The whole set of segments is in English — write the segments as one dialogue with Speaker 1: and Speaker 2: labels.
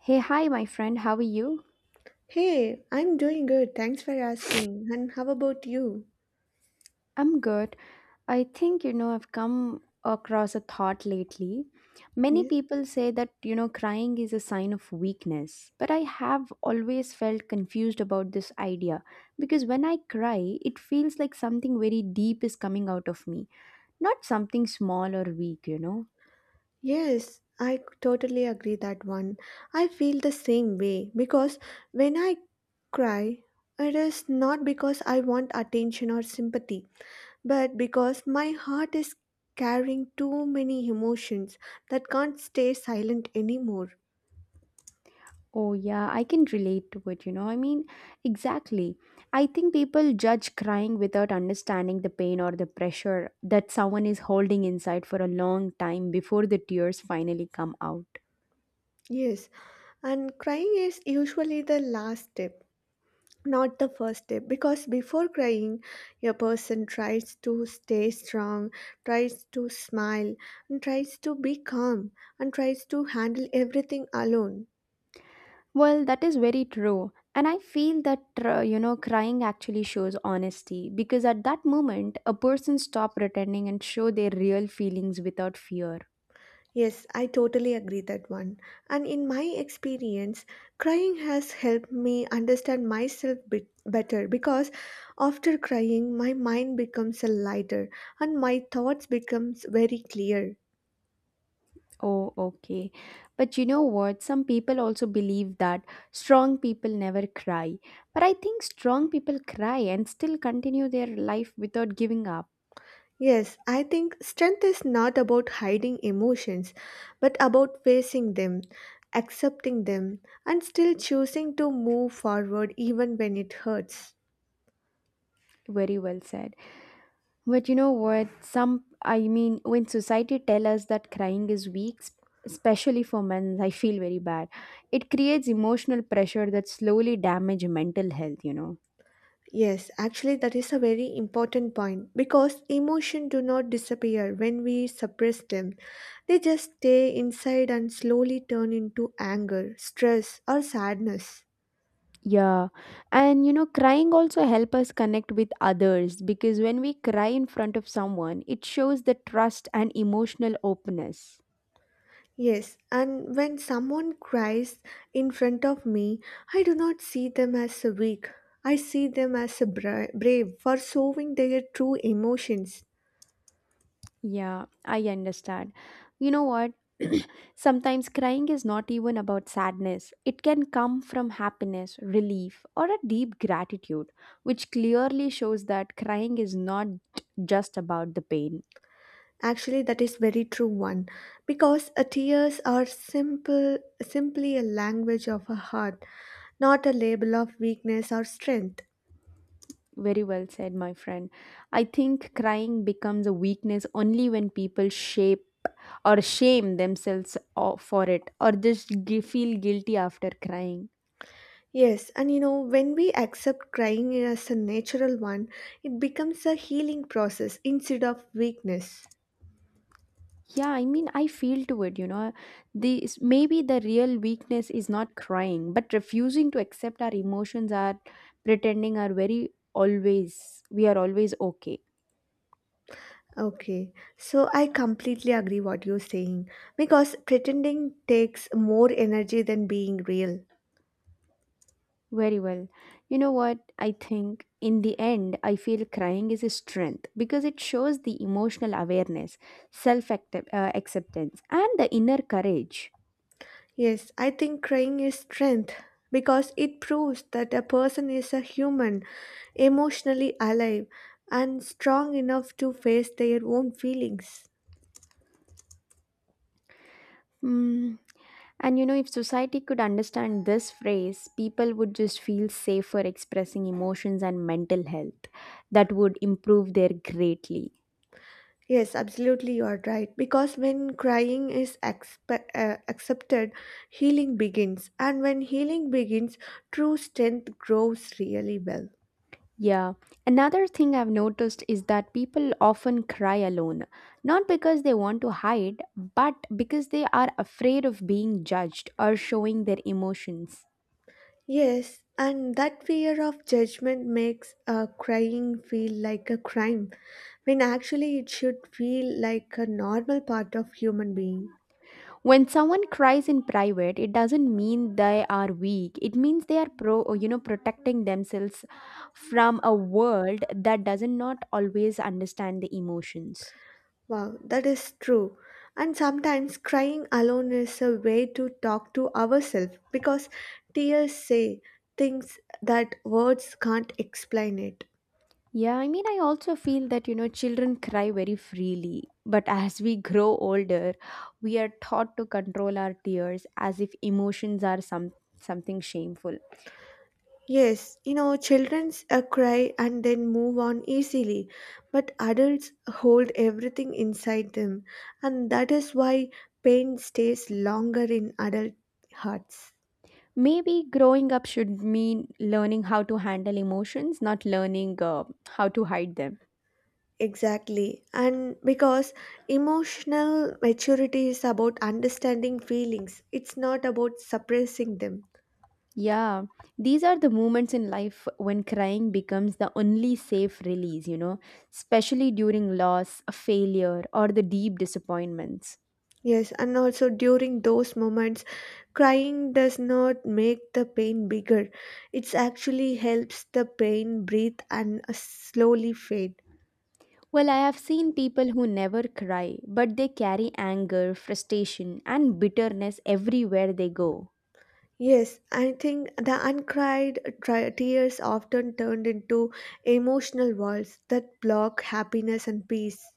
Speaker 1: Hey, hi, my friend. How are you?
Speaker 2: Hey, I'm doing good. Thanks for asking. And how about you?
Speaker 1: I'm good. I think, I've come across a thought lately. Many
Speaker 2: Yes.
Speaker 1: people say that, crying is a sign of weakness, but I have always felt confused about this idea because when I cry, it feels like something very deep is coming out of me, not something small or weak,
Speaker 2: Yes, totally agree that one. I feel the same way because when I cry, it is not because I want attention or sympathy, but because my heart is carrying too many emotions that can't stay silent anymore.
Speaker 1: Oh, yeah, I can relate to it. Exactly. I think people judge crying without understanding the pain or the pressure that someone is holding inside for a long time before the tears finally come out.
Speaker 2: Yes, and crying is usually the last step not the first step because before crying a person tries to stay strong tries to smile and tries to be calm and tries to handle everything alone
Speaker 1: Well, that is very true. And I feel that, crying actually shows honesty because at that moment, a person stop pretending and show their real feelings without fear.
Speaker 2: yes I totally agree that one and in my experience crying has helped me understand myself bit better because after crying my mind becomes a lighter and my thoughts becomes very clear.
Speaker 1: Oh, okay. But you know what? Some people also believe that strong people never cry. But I think strong people cry and still continue their life without giving up.
Speaker 2: Yes, I think strength is not about hiding emotions, but about facing them, accepting them, and still choosing to move forward even when it hurts.
Speaker 1: Very well said. But you know what? Some, when society tell us that crying is weak, especially for men, I feel very bad. It creates emotional pressure that slowly damage mental health.
Speaker 2: Yes, actually, that is a very important point because emotions do not disappear when we suppress them. They just stay inside and slowly turn into anger, stress, or sadness.
Speaker 1: Yeah, and crying also help us connect with others because when we cry in front of someone, it shows the trust and emotional openness.
Speaker 2: Yes, and when someone cries in front of me, I do not see them as a weak. I see them as a brave for showing their true emotions.
Speaker 1: Yeah, I understand. You know what? Sometimes crying is not even about sadness. It can come from happiness, relief, or a deep gratitude, which clearly shows that crying is not just about the pain.
Speaker 2: Actually, that is very true one, because tears are simply a language of a heart, not a label of weakness or strength.
Speaker 1: Very well said, my friend. I think crying becomes a weakness only when people shape or shame themselves for it or just feel guilty after crying.
Speaker 2: Yes, and you know, when we accept crying as a natural one, it becomes a healing process instead of weakness.
Speaker 1: Yeah, I feel to it. This maybe the real weakness is not crying, but refusing to accept our emotions are pretending are very always we are always okay.
Speaker 2: Okay, so I completely agree what you're saying because pretending takes more energy than being real.
Speaker 1: Very well. You know what? I think in the end, I feel crying is a strength because it shows the emotional awareness, self acceptance, and the inner courage.
Speaker 2: Yes, I think crying is strength because it proves that a person is a human, emotionally alive, and strong enough to face their own feelings.
Speaker 1: Hmm. And you know, if society could understand this phrase, people would just feel safer expressing emotions and mental health. That would improve their greatly.
Speaker 2: Yes, absolutely, you are right. Because when crying is accepted, healing begins, and when healing begins, true strength grows really well.
Speaker 1: Yeah. Another thing I've noticed is that people often cry alone, not because they want to hide, but because they are afraid of being judged or showing their emotions.
Speaker 2: Yes, and that fear of judgment makes crying feel like a crime when actually it should feel like a normal part of human being.
Speaker 1: When someone cries in private, it doesn't mean they are weak. It means they are pro, protecting themselves from a world that does not always understand the emotions.
Speaker 2: Wow, that is true. And sometimes crying alone is a way to talk to ourselves because tears say things that words can't explain it.
Speaker 1: Yeah, I also feel that, children cry very freely. But as we grow older, we are taught to control our tears as if emotions are some, something shameful.
Speaker 2: Yes, you know, childrens cry and then move on easily, but adults hold everything inside them, and that is why pain stays longer in adult hearts.
Speaker 1: Maybe growing up should mean learning how to handle emotions, not learning how to hide them.
Speaker 2: Exactly, and because emotional maturity is about understanding feelings, it's not about suppressing them.
Speaker 1: Yeah, these are the moments in life when crying becomes the only safe release, especially during loss, failure, or the deep disappointments.
Speaker 2: Yes, and also during those moments, crying does not make the pain bigger. It actually helps the pain breathe and slowly fade.
Speaker 1: Well, I have seen people who never cry, but they carry anger, frustration, and bitterness everywhere they go.
Speaker 2: Yes, I think the uncried tears often turned into emotional walls that block happiness and peace.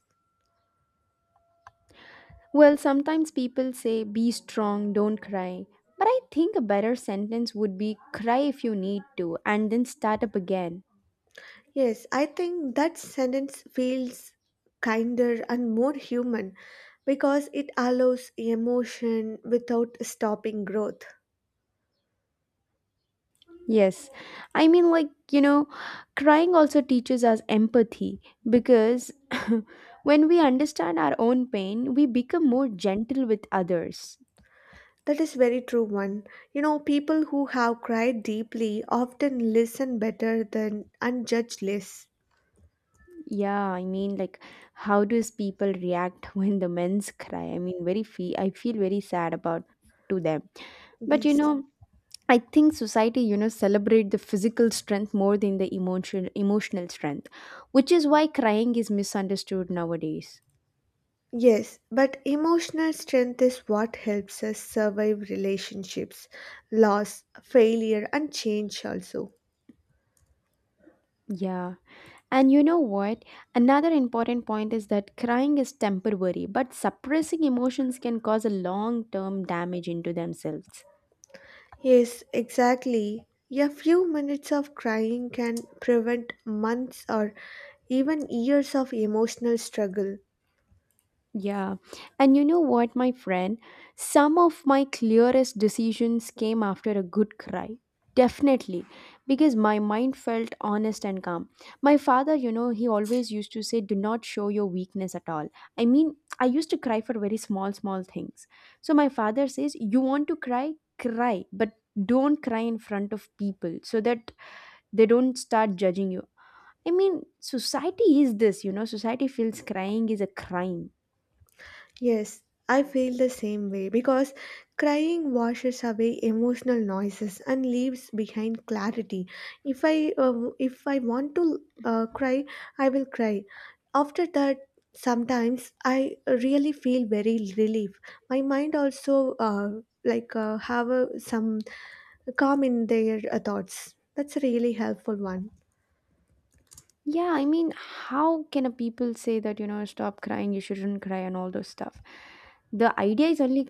Speaker 1: Well, sometimes people say, be strong, don't cry. But I think a better sentence would be, cry if you need to, and then start up again.
Speaker 2: Yes, I think that sentence feels kinder and more human because it allows emotion without stopping growth.
Speaker 1: Yes, I mean, like, you know, crying also teaches us empathy because when we understand our own pain, we become more gentle with others.
Speaker 2: That is very true one. You know, people who have cried deeply often listen better than unjudged less.
Speaker 1: Yeah, how does people react when the men's cry? Very I feel very sad about to them. But you
Speaker 2: Yes.
Speaker 1: know, I think society, celebrate the physical strength more than the emotional strength, which is why crying is misunderstood nowadays.
Speaker 2: Yes, but emotional strength is what helps us survive relationships, loss, failure, and change also.
Speaker 1: Yeah. And you know what? Another important point is that crying is temporary, but suppressing emotions can cause a long-term damage into themselves.
Speaker 2: Yes, exactly. A few minutes of crying can prevent months or even years of emotional struggle.
Speaker 1: Yeah. And you know what, my friend? Some of my clearest decisions came after a good cry. Definitely. Because my mind felt honest and calm. My father, he always used to say, do not show your weakness at all. I mean, I used to cry for very small, small things. So my father says, you want to cry? Cry. But don't cry in front of people so that they don't start judging you. I mean, society is this, society feels crying is a crime.
Speaker 2: Yes, I feel the same way because crying washes away emotional noises and leaves behind clarity. If I uh, if I want to cry, I will cry. After that, sometimes I really feel very relief. My mind also like have a, some calm in their thoughts. That's a really helpful one.
Speaker 1: Yeah, how can a people say that, stop crying, you shouldn't cry and all those stuff? The idea is only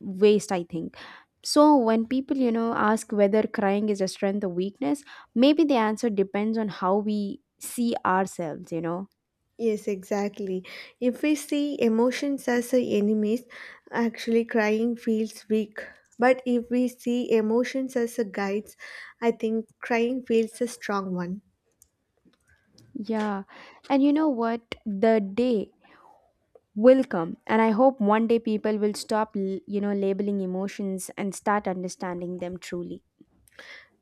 Speaker 1: waste, I think. So when people, ask whether crying is a strength or weakness, maybe the answer depends on how we see ourselves,
Speaker 2: Yes, exactly. If we see emotions as a enemies, actually crying feels weak. But if we see emotions as a guides, I think crying feels a strong one.
Speaker 1: Yeah. And you know what? The day will come, and I hope one day people will stop you know, labeling emotions and start understanding them truly.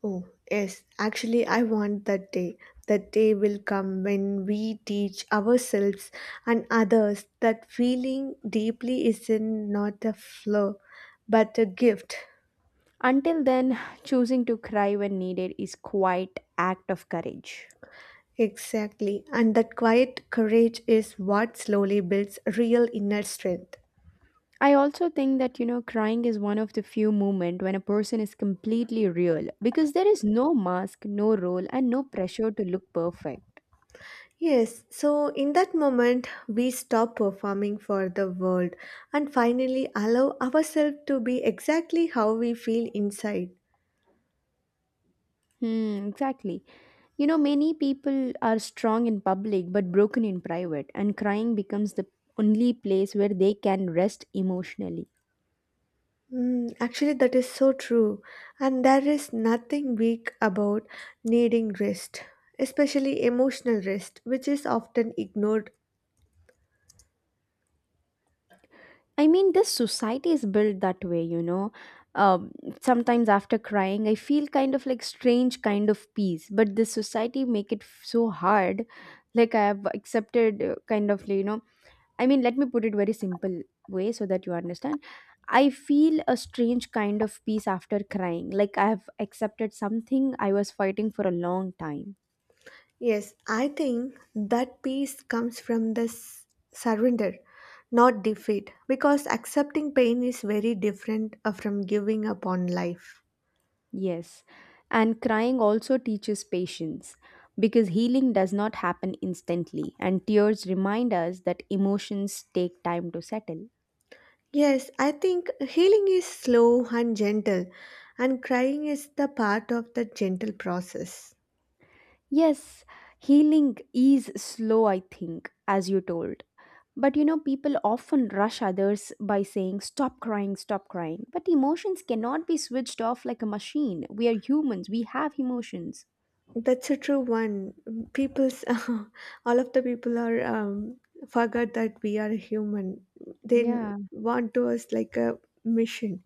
Speaker 2: Oh, yes, actually, I want that day. That day will come when we teach ourselves and others that feeling deeply is not a flaw, but a gift.
Speaker 1: Until then, choosing to cry when needed is quite act of courage.
Speaker 2: Exactly. And that quiet courage is what slowly builds real inner strength.
Speaker 1: I also think that you know crying is one of the few moments when a person is completely real because there is no mask, no role, and no pressure to look perfect.
Speaker 2: Yes, so in that moment, we stop performing for the world and finally allow ourselves to be exactly how we feel inside.
Speaker 1: Hmm, exactly. You know many people are strong in public but broken in private, and crying becomes the only place where they can rest emotionally.
Speaker 2: Mm, actually, that is so true. And there is nothing weak about needing rest, especially emotional rest, which is often ignored.
Speaker 1: I mean, this society is built that way, Um, Sometimes after crying, I feel kind of like strange kind of peace, but this society make it so hard. Like I have accepted kind of, I mean, let me put it very simple way so that you understand. I feel a strange kind of peace after crying. Like I have accepted something I was fighting for a long time.
Speaker 2: Yes, I think that peace comes from the surrender, not defeat, because accepting pain is very different from giving up on life.
Speaker 1: Yes, and crying also teaches patience because healing does not happen instantly, and tears remind us that emotions take time to settle.
Speaker 2: Yes, I think healing is slow and gentle, and crying is the part of the gentle process.
Speaker 1: Yes, healing is slow, I think, as you told. But you know, people often rush others by saying, stop crying, stop crying. But emotions cannot be switched off like a machine. We are humans, we have emotions.
Speaker 2: That's a true one. People's all of the people are forgot that we are human. They
Speaker 1: Yeah.
Speaker 2: want to us like a mission.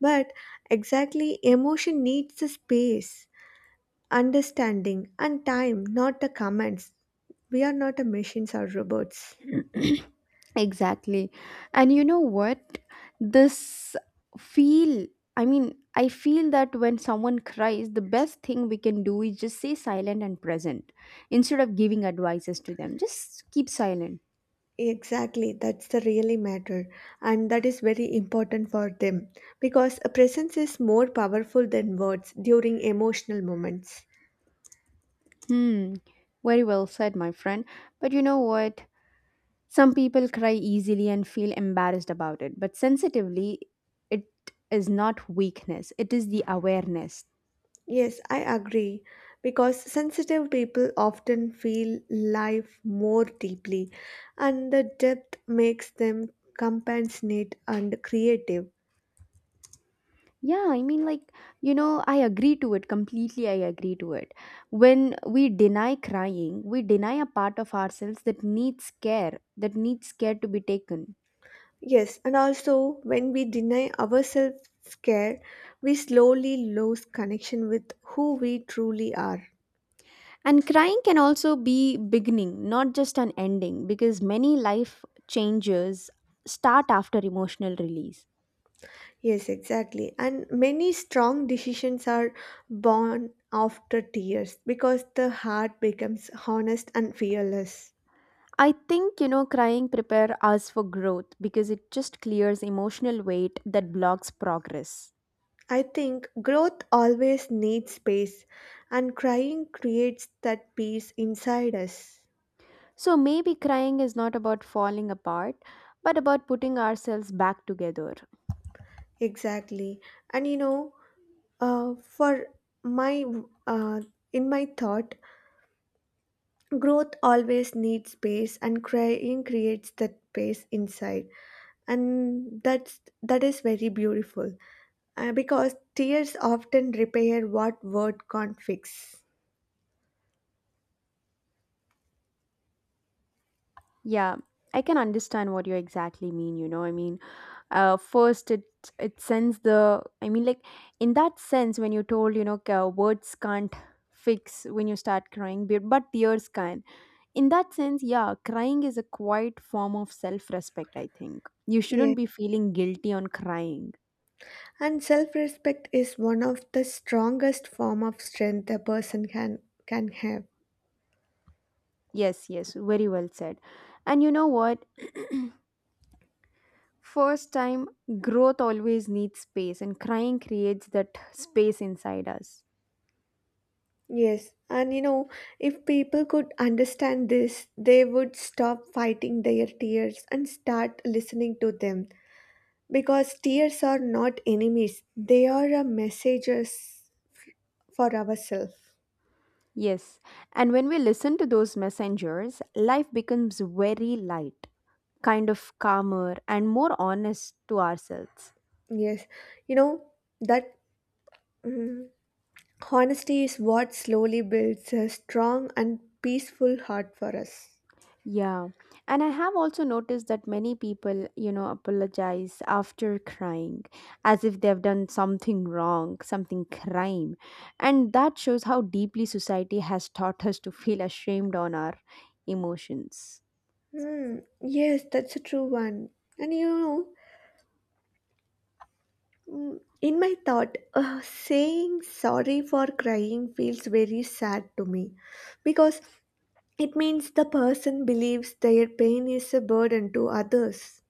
Speaker 2: But exactly, emotion needs the space, understanding, and time, not the commands. We are not a machines or robots.
Speaker 1: Exactly. And you know what? This feel, i mean I feel that when someone cries, the best thing we can do is just say silent and present. Instead of giving advices to them, just keep silent.
Speaker 2: Exactly, that's the really matter, and that is very important for them because a presence is more powerful than words during emotional moments.
Speaker 1: Hmm. Very well said, my friend. But you know what? Some people cry easily and feel embarrassed about it, but sensitively, it is not weakness, it is the awareness.
Speaker 2: Yes, I agree because sensitive people often feel life more deeply, and the depth makes them compassionate and creative.
Speaker 1: Yeah, I agree to it completely. I agree to it. When we deny crying, we deny a part of ourselves that needs care to be taken.
Speaker 2: Yes, and also when we deny ourselves care, we slowly lose connection with who we truly are.
Speaker 1: And crying can also be beginning, not just an ending, because many life changes start after emotional release.
Speaker 2: Yes, exactly. And many strong decisions are born after tears because the heart becomes honest and fearless.
Speaker 1: I think, crying prepare us for growth because it just clears emotional weight that blocks progress.
Speaker 2: I think growth always needs space, and crying creates that peace inside us.
Speaker 1: So maybe crying is not about falling apart, but about putting ourselves back together.
Speaker 2: Exactly. And you know, for my uh, in my thought, growth always needs space, and crying creates that space inside, and that is very beautiful because tears often repair what word can't fix.
Speaker 1: Yeah, I can understand what you exactly mean, first it sends the in that sense when you told, words can't fix when you start crying, but tears can. In that sense, yeah, crying is a quiet form of self-respect, I think. You
Speaker 2: Yeah,
Speaker 1: shouldn't be feeling guilty on crying.
Speaker 2: and self-respect is one of the strongest form of strength a person can have.
Speaker 1: Yes, yes, very well said. And you know what? First time, growth always needs space, and crying creates that space inside us.
Speaker 2: Yes, and you know, if people could understand this, they would stop fighting their tears and start listening to them. Because tears are not enemies, they are a messages for ourselves.
Speaker 1: Yes, and when we listen to those messengers, life becomes very light, kind of calmer, and more honest to ourselves.
Speaker 2: Yes, you know that mm, honesty is what slowly builds a strong and peaceful heart for us.
Speaker 1: Yeah. And I have also noticed that many people, apologize after crying as if they've done something wrong, something crime. And that shows how deeply society has taught us to feel ashamed on our emotions.
Speaker 2: Hmm. Yes, that's a true one. And you know, in my thought, saying sorry for crying feels very sad to me because it means the person believes their pain is a burden to others.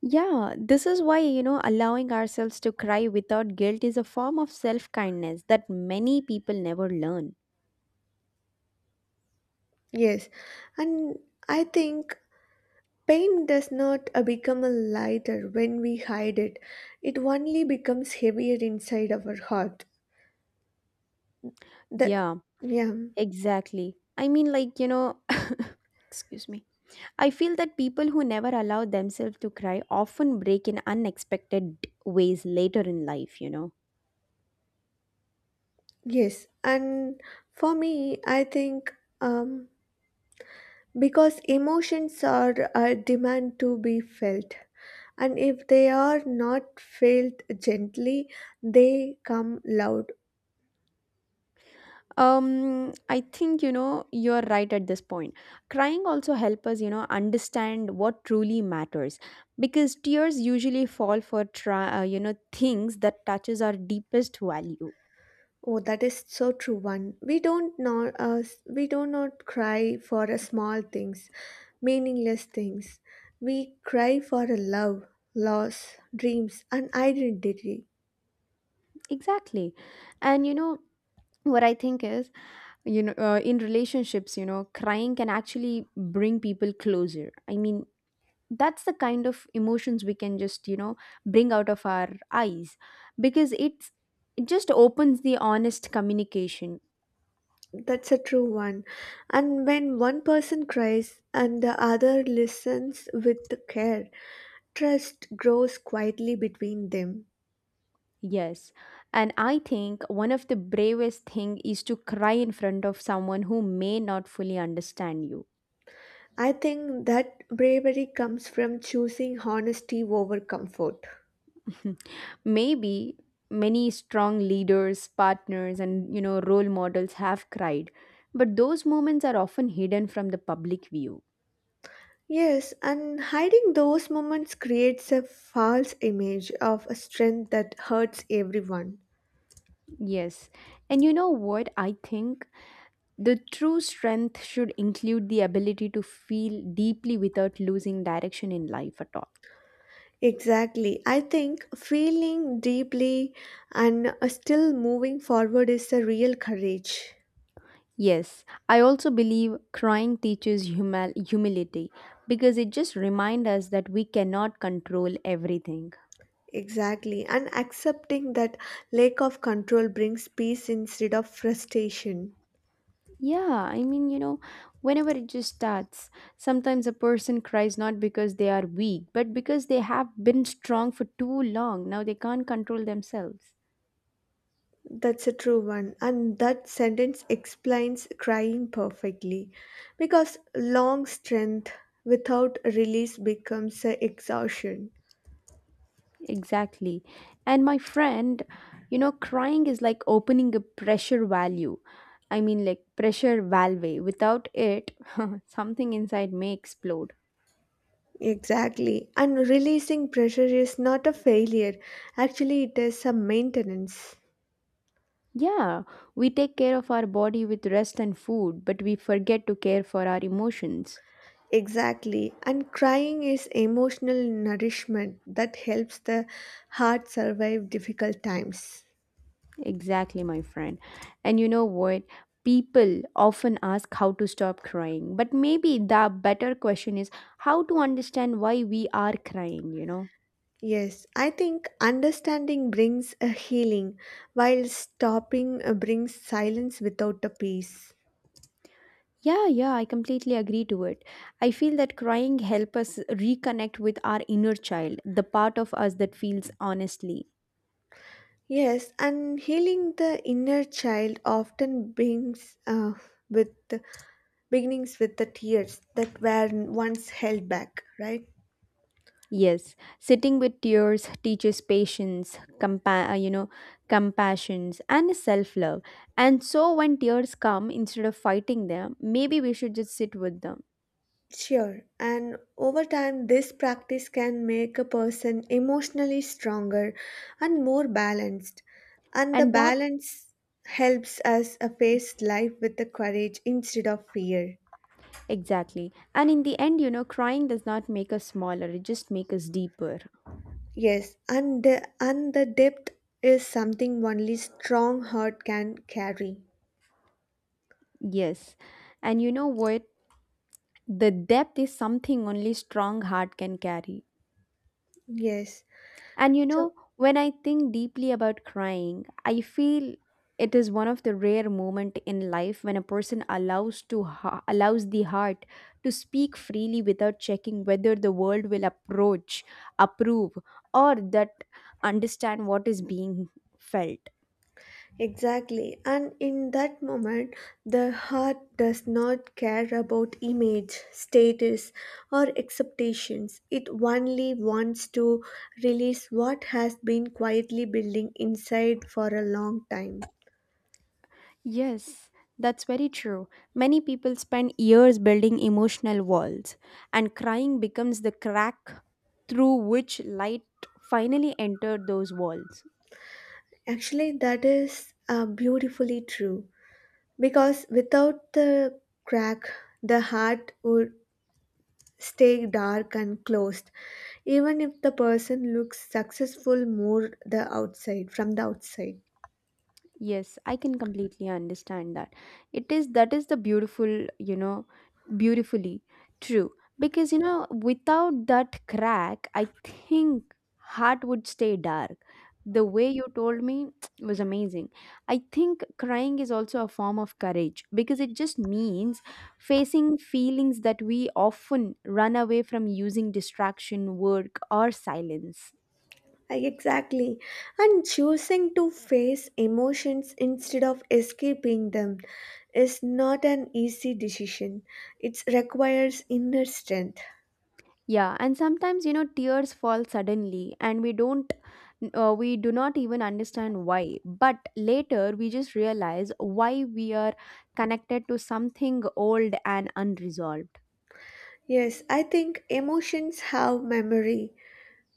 Speaker 1: Yeah, this is why, allowing ourselves to cry without guilt is a form of self kindness that many people never learn.
Speaker 2: Yes, and I think pain does not become a lighter when we hide it. It only becomes heavier inside our heart. The
Speaker 1: Yeah,
Speaker 2: yeah,
Speaker 1: exactly. Excuse me. I feel that people who never allow themselves to cry often break in unexpected ways later in life,
Speaker 2: yes, and for me, I think um, because emotions are a demand to be felt, and if they are not felt gently, they come loud.
Speaker 1: I think you know you're right at this point. Crying also helps us, understand what truly matters because tears usually fall for try, you know, things that touches our deepest value.
Speaker 2: Oh, that is so true. One, we don't know, we do not cry for a small things, meaningless things. We cry for a love, loss, dreams, and identity.
Speaker 1: Exactly, and you know what I think is, you know, in relationships, crying can actually bring people closer. I mean, that's the kind of emotions we can just bring out of our eyes because it just opens the honest communication.
Speaker 2: That's a true one. And when one person cries and the other listens with care, trust grows quietly between them.
Speaker 1: Yes, and I think one of the bravest thing is to cry in front of someone who may not fully understand you.
Speaker 2: I think that bravery comes from choosing honesty over comfort.
Speaker 1: Maybe many strong leaders, partners, and role models have cried, but those moments are often hidden from the public view.
Speaker 2: Yes, and hiding those moments creates a false image of a strength that hurts everyone.
Speaker 1: Yes, and you know what I think the true strength should include the ability to feel deeply without losing direction in life at all.
Speaker 2: Exactly. I think feeling deeply and still moving forward is a real courage.
Speaker 1: Yes, I also believe crying teaches humility because it just reminds us that we cannot control everything.
Speaker 2: Exactly. And accepting that lack of control brings peace instead of frustration.
Speaker 1: Yeah, whenever it just starts, sometimes a person cries not because they are weak, but because they have been strong for too long. Now they can't control themselves.
Speaker 2: That's a true one, and that sentence explains crying perfectly because long strength without release becomes a exhaustion.
Speaker 1: Exactly. And my friend, crying is like opening a pressure value. I mean, like pressure valve. Without it, something inside may explode.
Speaker 2: Exactly, and releasing pressure is not a failure, actually, it is a maintenance.
Speaker 1: Yeah, we take care of our body with rest and food, but we forget to care for our emotions.
Speaker 2: Exactly, and crying is emotional nourishment that helps the heart survive difficult times.
Speaker 1: Exactly, my friend. And you know what? People often ask how to stop crying, but maybe the better question is how to understand why we are crying.
Speaker 2: Yes, I think understanding brings a healing, while stopping brings silence without a peace.
Speaker 1: Yeah, yeah, I completely agree to it. I feel that crying help us reconnect with our inner child, the part of us that feels honestly.
Speaker 2: Yes, and healing the inner child often brings with beginnings with the tears that were once held back, right?
Speaker 1: Yes, sitting with tears teaches patience, compassions and self-love. And so when tears come instead of fighting them, maybe we should just sit with them.
Speaker 2: Sure, and over time, this practice can make a person emotionally stronger and more balanced. And the
Speaker 1: And that
Speaker 2: balance helps us face life with the courage instead of fear.
Speaker 1: Exactly. And in the end, crying does not make us smaller, it just makes us deeper.
Speaker 2: Yes, and the depth is something only strong heart can carry.
Speaker 1: Yes. And you know what? The depth is something only strong heart can carry.
Speaker 2: Yes.
Speaker 1: And you know,
Speaker 2: So
Speaker 1: when I think deeply about crying, I feel it is one of the rare moment in life when a person allows the heart to speak freely without checking whether the world will approve or that understand what is being felt.
Speaker 2: exactly. And in that moment, the heart does not care about image, status, or expectations. It only wants to release what has been quietly building inside for a long time.
Speaker 1: Yes, that's very true. Many people spend years building emotional walls, and crying becomes the crack through which light finally entered those walls.
Speaker 2: Actually, that is beautifully true. Because without the crack, the heart would stay dark and closed, even if the person looks successful more the outside from the outside.
Speaker 1: Yes, I can completely understand that. It is that is the beautiful, beautifully true. Because, without that crack, I think heart would stay dark. The way you told me was amazing. I think crying is also a form of courage because it just means facing feelings that we often run away from using distraction, work, or silence.
Speaker 2: Exactly. And choosing to face emotions instead of escaping them is not an easy decision. It requires inner strength.
Speaker 1: Yeah, and sometimes tears fall suddenly and we do not even understand why. But later we just realize why we are connected to something old and unresolved.
Speaker 2: Yes, I think emotions have memory,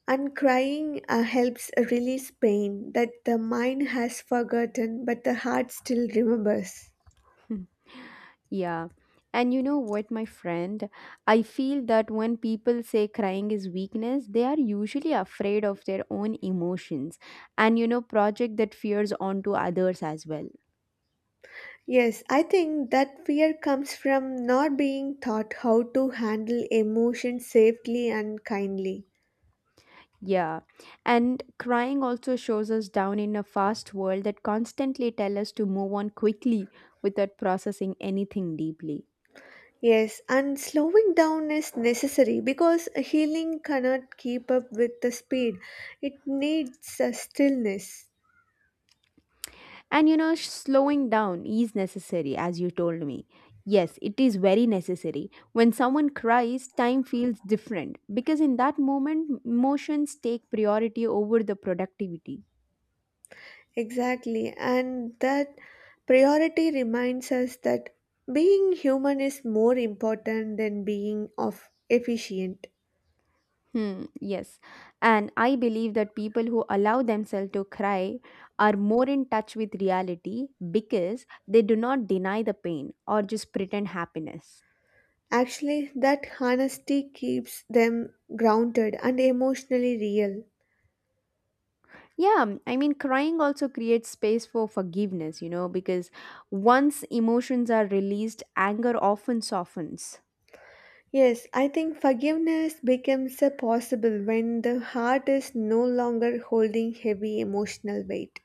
Speaker 2: and crying helps release pain that the mind has forgotten but the heart still remembers.
Speaker 1: Yeah. And you know what, my friend, I feel that when people say crying is weakness, they are usually afraid of their own emotions, and project that fears onto others as well.
Speaker 2: Yes, I think that fear comes from not being taught how to handle emotions safely and kindly.
Speaker 1: Yeah, and crying also shows us down in a fast world that constantly tell us to move on quickly without processing anything deeply.
Speaker 2: Yes, and slowing down is necessary because healing cannot keep up with the speed. It needs a stillness.
Speaker 1: And you know, slowing down is necessary, as you told me. Yes, it is very necessary. When someone cries, time feels different because in that moment, emotions take priority over the productivity.
Speaker 2: Exactly, and that priority reminds us that being human is more important than being of efficient.
Speaker 1: Hmm, yes. And I believe that people who allow themselves to cry are more in touch with reality because they do not deny the pain or just pretend happiness.
Speaker 2: Actually, that honesty keeps them grounded and emotionally real.
Speaker 1: Yeah, I mean, crying also creates space for forgiveness, because once emotions are released, anger often softens.
Speaker 2: Yes, I think forgiveness becomes a possible when the heart is no longer holding heavy emotional weight.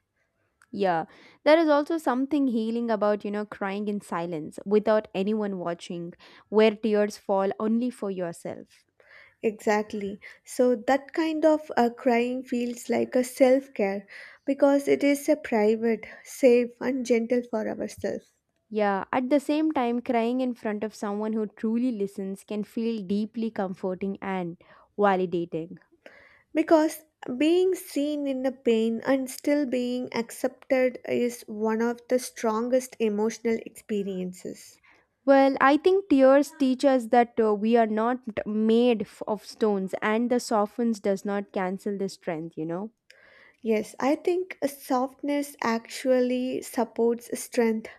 Speaker 1: Yeah, there is also something healing about, crying in silence without anyone watching, where tears fall only for yourself.
Speaker 2: Exactly. So that kind of crying feels like a self care because it is a private, safe, and gentle for ourselves.
Speaker 1: Yeah, at the same time, crying in front of someone who truly listens can feel deeply comforting and validating.
Speaker 2: Because being seen in the pain and still being accepted is one of the strongest emotional experiences.
Speaker 1: Well, I think tears teach us that we are not made of stones, and the softens does not cancel the strength.
Speaker 2: Yes, I think a softness actually supports strength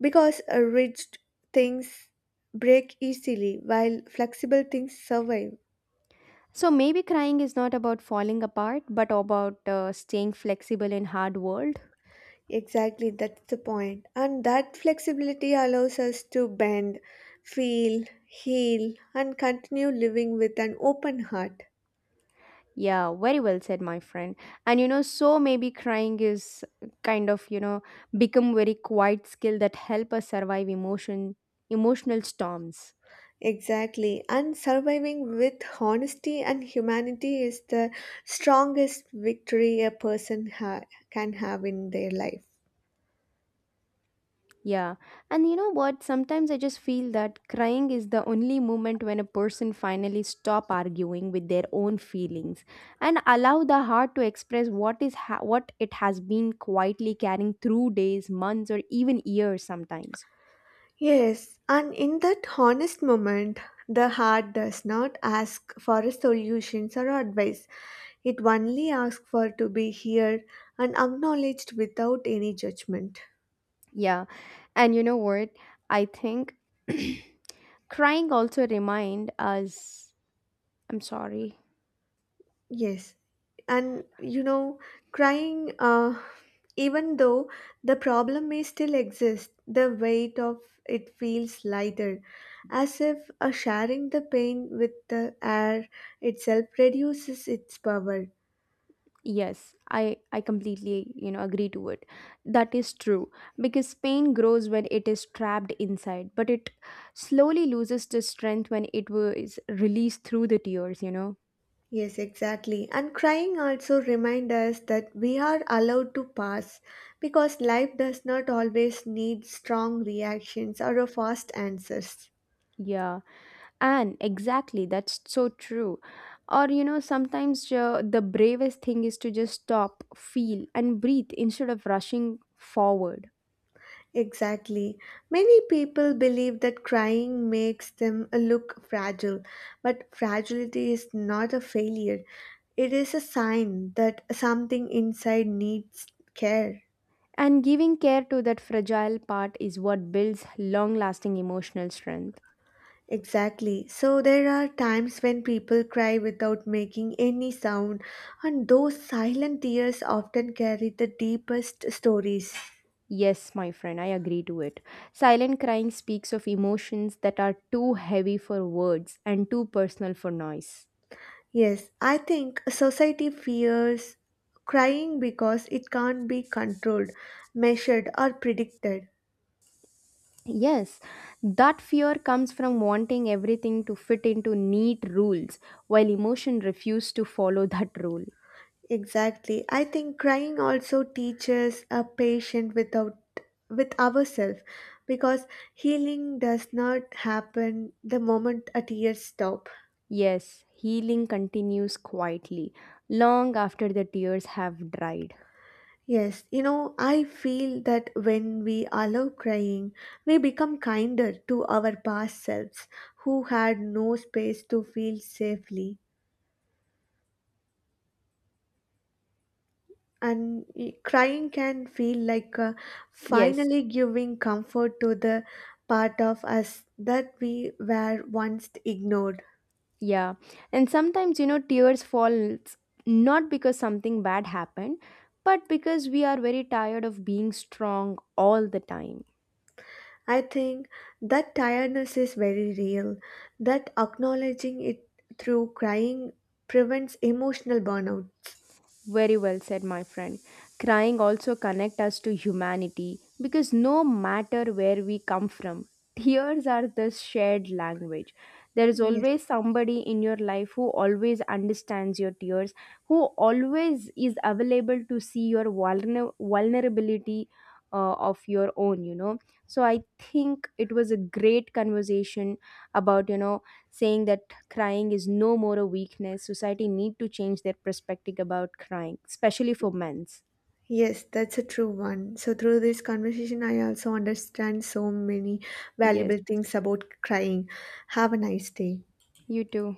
Speaker 2: because rigid things break easily while flexible things survive.
Speaker 1: So maybe crying is not about falling apart, but about staying flexible in hard world.
Speaker 2: Exactly, that's the point. And that flexibility allows us to bend, feel, heal, and continue living with an open heart.
Speaker 1: Yeah, very well said, my friend. And you know, so maybe crying is kind of, become very quiet skill that help us survive emotional storms.
Speaker 2: Exactly, and surviving with honesty and humanity is the strongest victory a person can have in their life.
Speaker 1: Yeah. And you know what? Sometimes I just feel that crying is the only moment when a person finally stop arguing with their own feelings and allow the heart to express what it has been quietly carrying through days, months, or even years sometimes.
Speaker 2: Yes, and in that honest moment, the heart does not ask for a solutions or advice. It only asks for to be heard and acknowledged without any judgment.
Speaker 1: Yeah. And you know what? I think crying also remind us. I'm sorry.
Speaker 2: Yes, and you know, crying, even though the problem may still exist, the weight of it feels lighter, as if sharing the pain with the air itself reduces its power.
Speaker 1: Yes, I completely, agree to it. That is true because pain grows when it is trapped inside, but it slowly loses the strength when it was released through the tears.
Speaker 2: Yes, exactly. And crying also reminds us that we are allowed to pass because life does not always need strong reactions or a fast answers.
Speaker 1: Yeah. And exactly, that's so true. Or, sometimes the bravest thing is to just stop, feel, and breathe instead of rushing forward.
Speaker 2: Exactly. Many people believe that crying makes them look fragile, but fragility is not a failure. It is a sign that something inside needs care.
Speaker 1: And giving care to that fragile part is what builds long lasting emotional strength.
Speaker 2: Exactly. So there are times when people cry without making any sound, and those silent tears often carry the deepest stories.
Speaker 1: Yes, my friend, I agree to it. Silent crying speaks of emotions that are too heavy for words and too personal for noise.
Speaker 2: Yes, I think society fears crying because it can't be controlled, measured, or predicted.
Speaker 1: Yes, that fear comes from wanting everything to fit into neat rules, while emotion refuses to follow that rule.
Speaker 2: Exactly. I think crying also teaches a patient without with ourselves because healing does not happen the moment a tear stop.
Speaker 1: Yes, healing continues quietly, long after the tears have dried.
Speaker 2: Yes, you know, I feel that when we allow crying, we become kinder to our past selves who had no space to feel safely. And crying can feel like
Speaker 1: Yes,
Speaker 2: finally giving comfort to the part of us that we were once ignored.
Speaker 1: yeah. And sometimes, tears fall not because something bad happened, but because we are very tired of being strong all the time.
Speaker 2: I think that tiredness is very real, that acknowledging it through crying prevents emotional burnout.
Speaker 1: Very well said, my friend. Crying also connect us to humanity because no matter where we come from, tears are the shared language. There is
Speaker 2: Yes.
Speaker 1: always somebody in your life who always understands your tears, who always is available to see your vulnerability of your own, you know. So I think it was a great conversation about, saying that crying is no more a weakness. Society need to change their perspective about crying, especially for men's.
Speaker 2: Yes, that's a true one. So, through this conversation, I also understand so many
Speaker 1: Yes,
Speaker 2: valuable things about crying. Have a nice day.
Speaker 1: you too.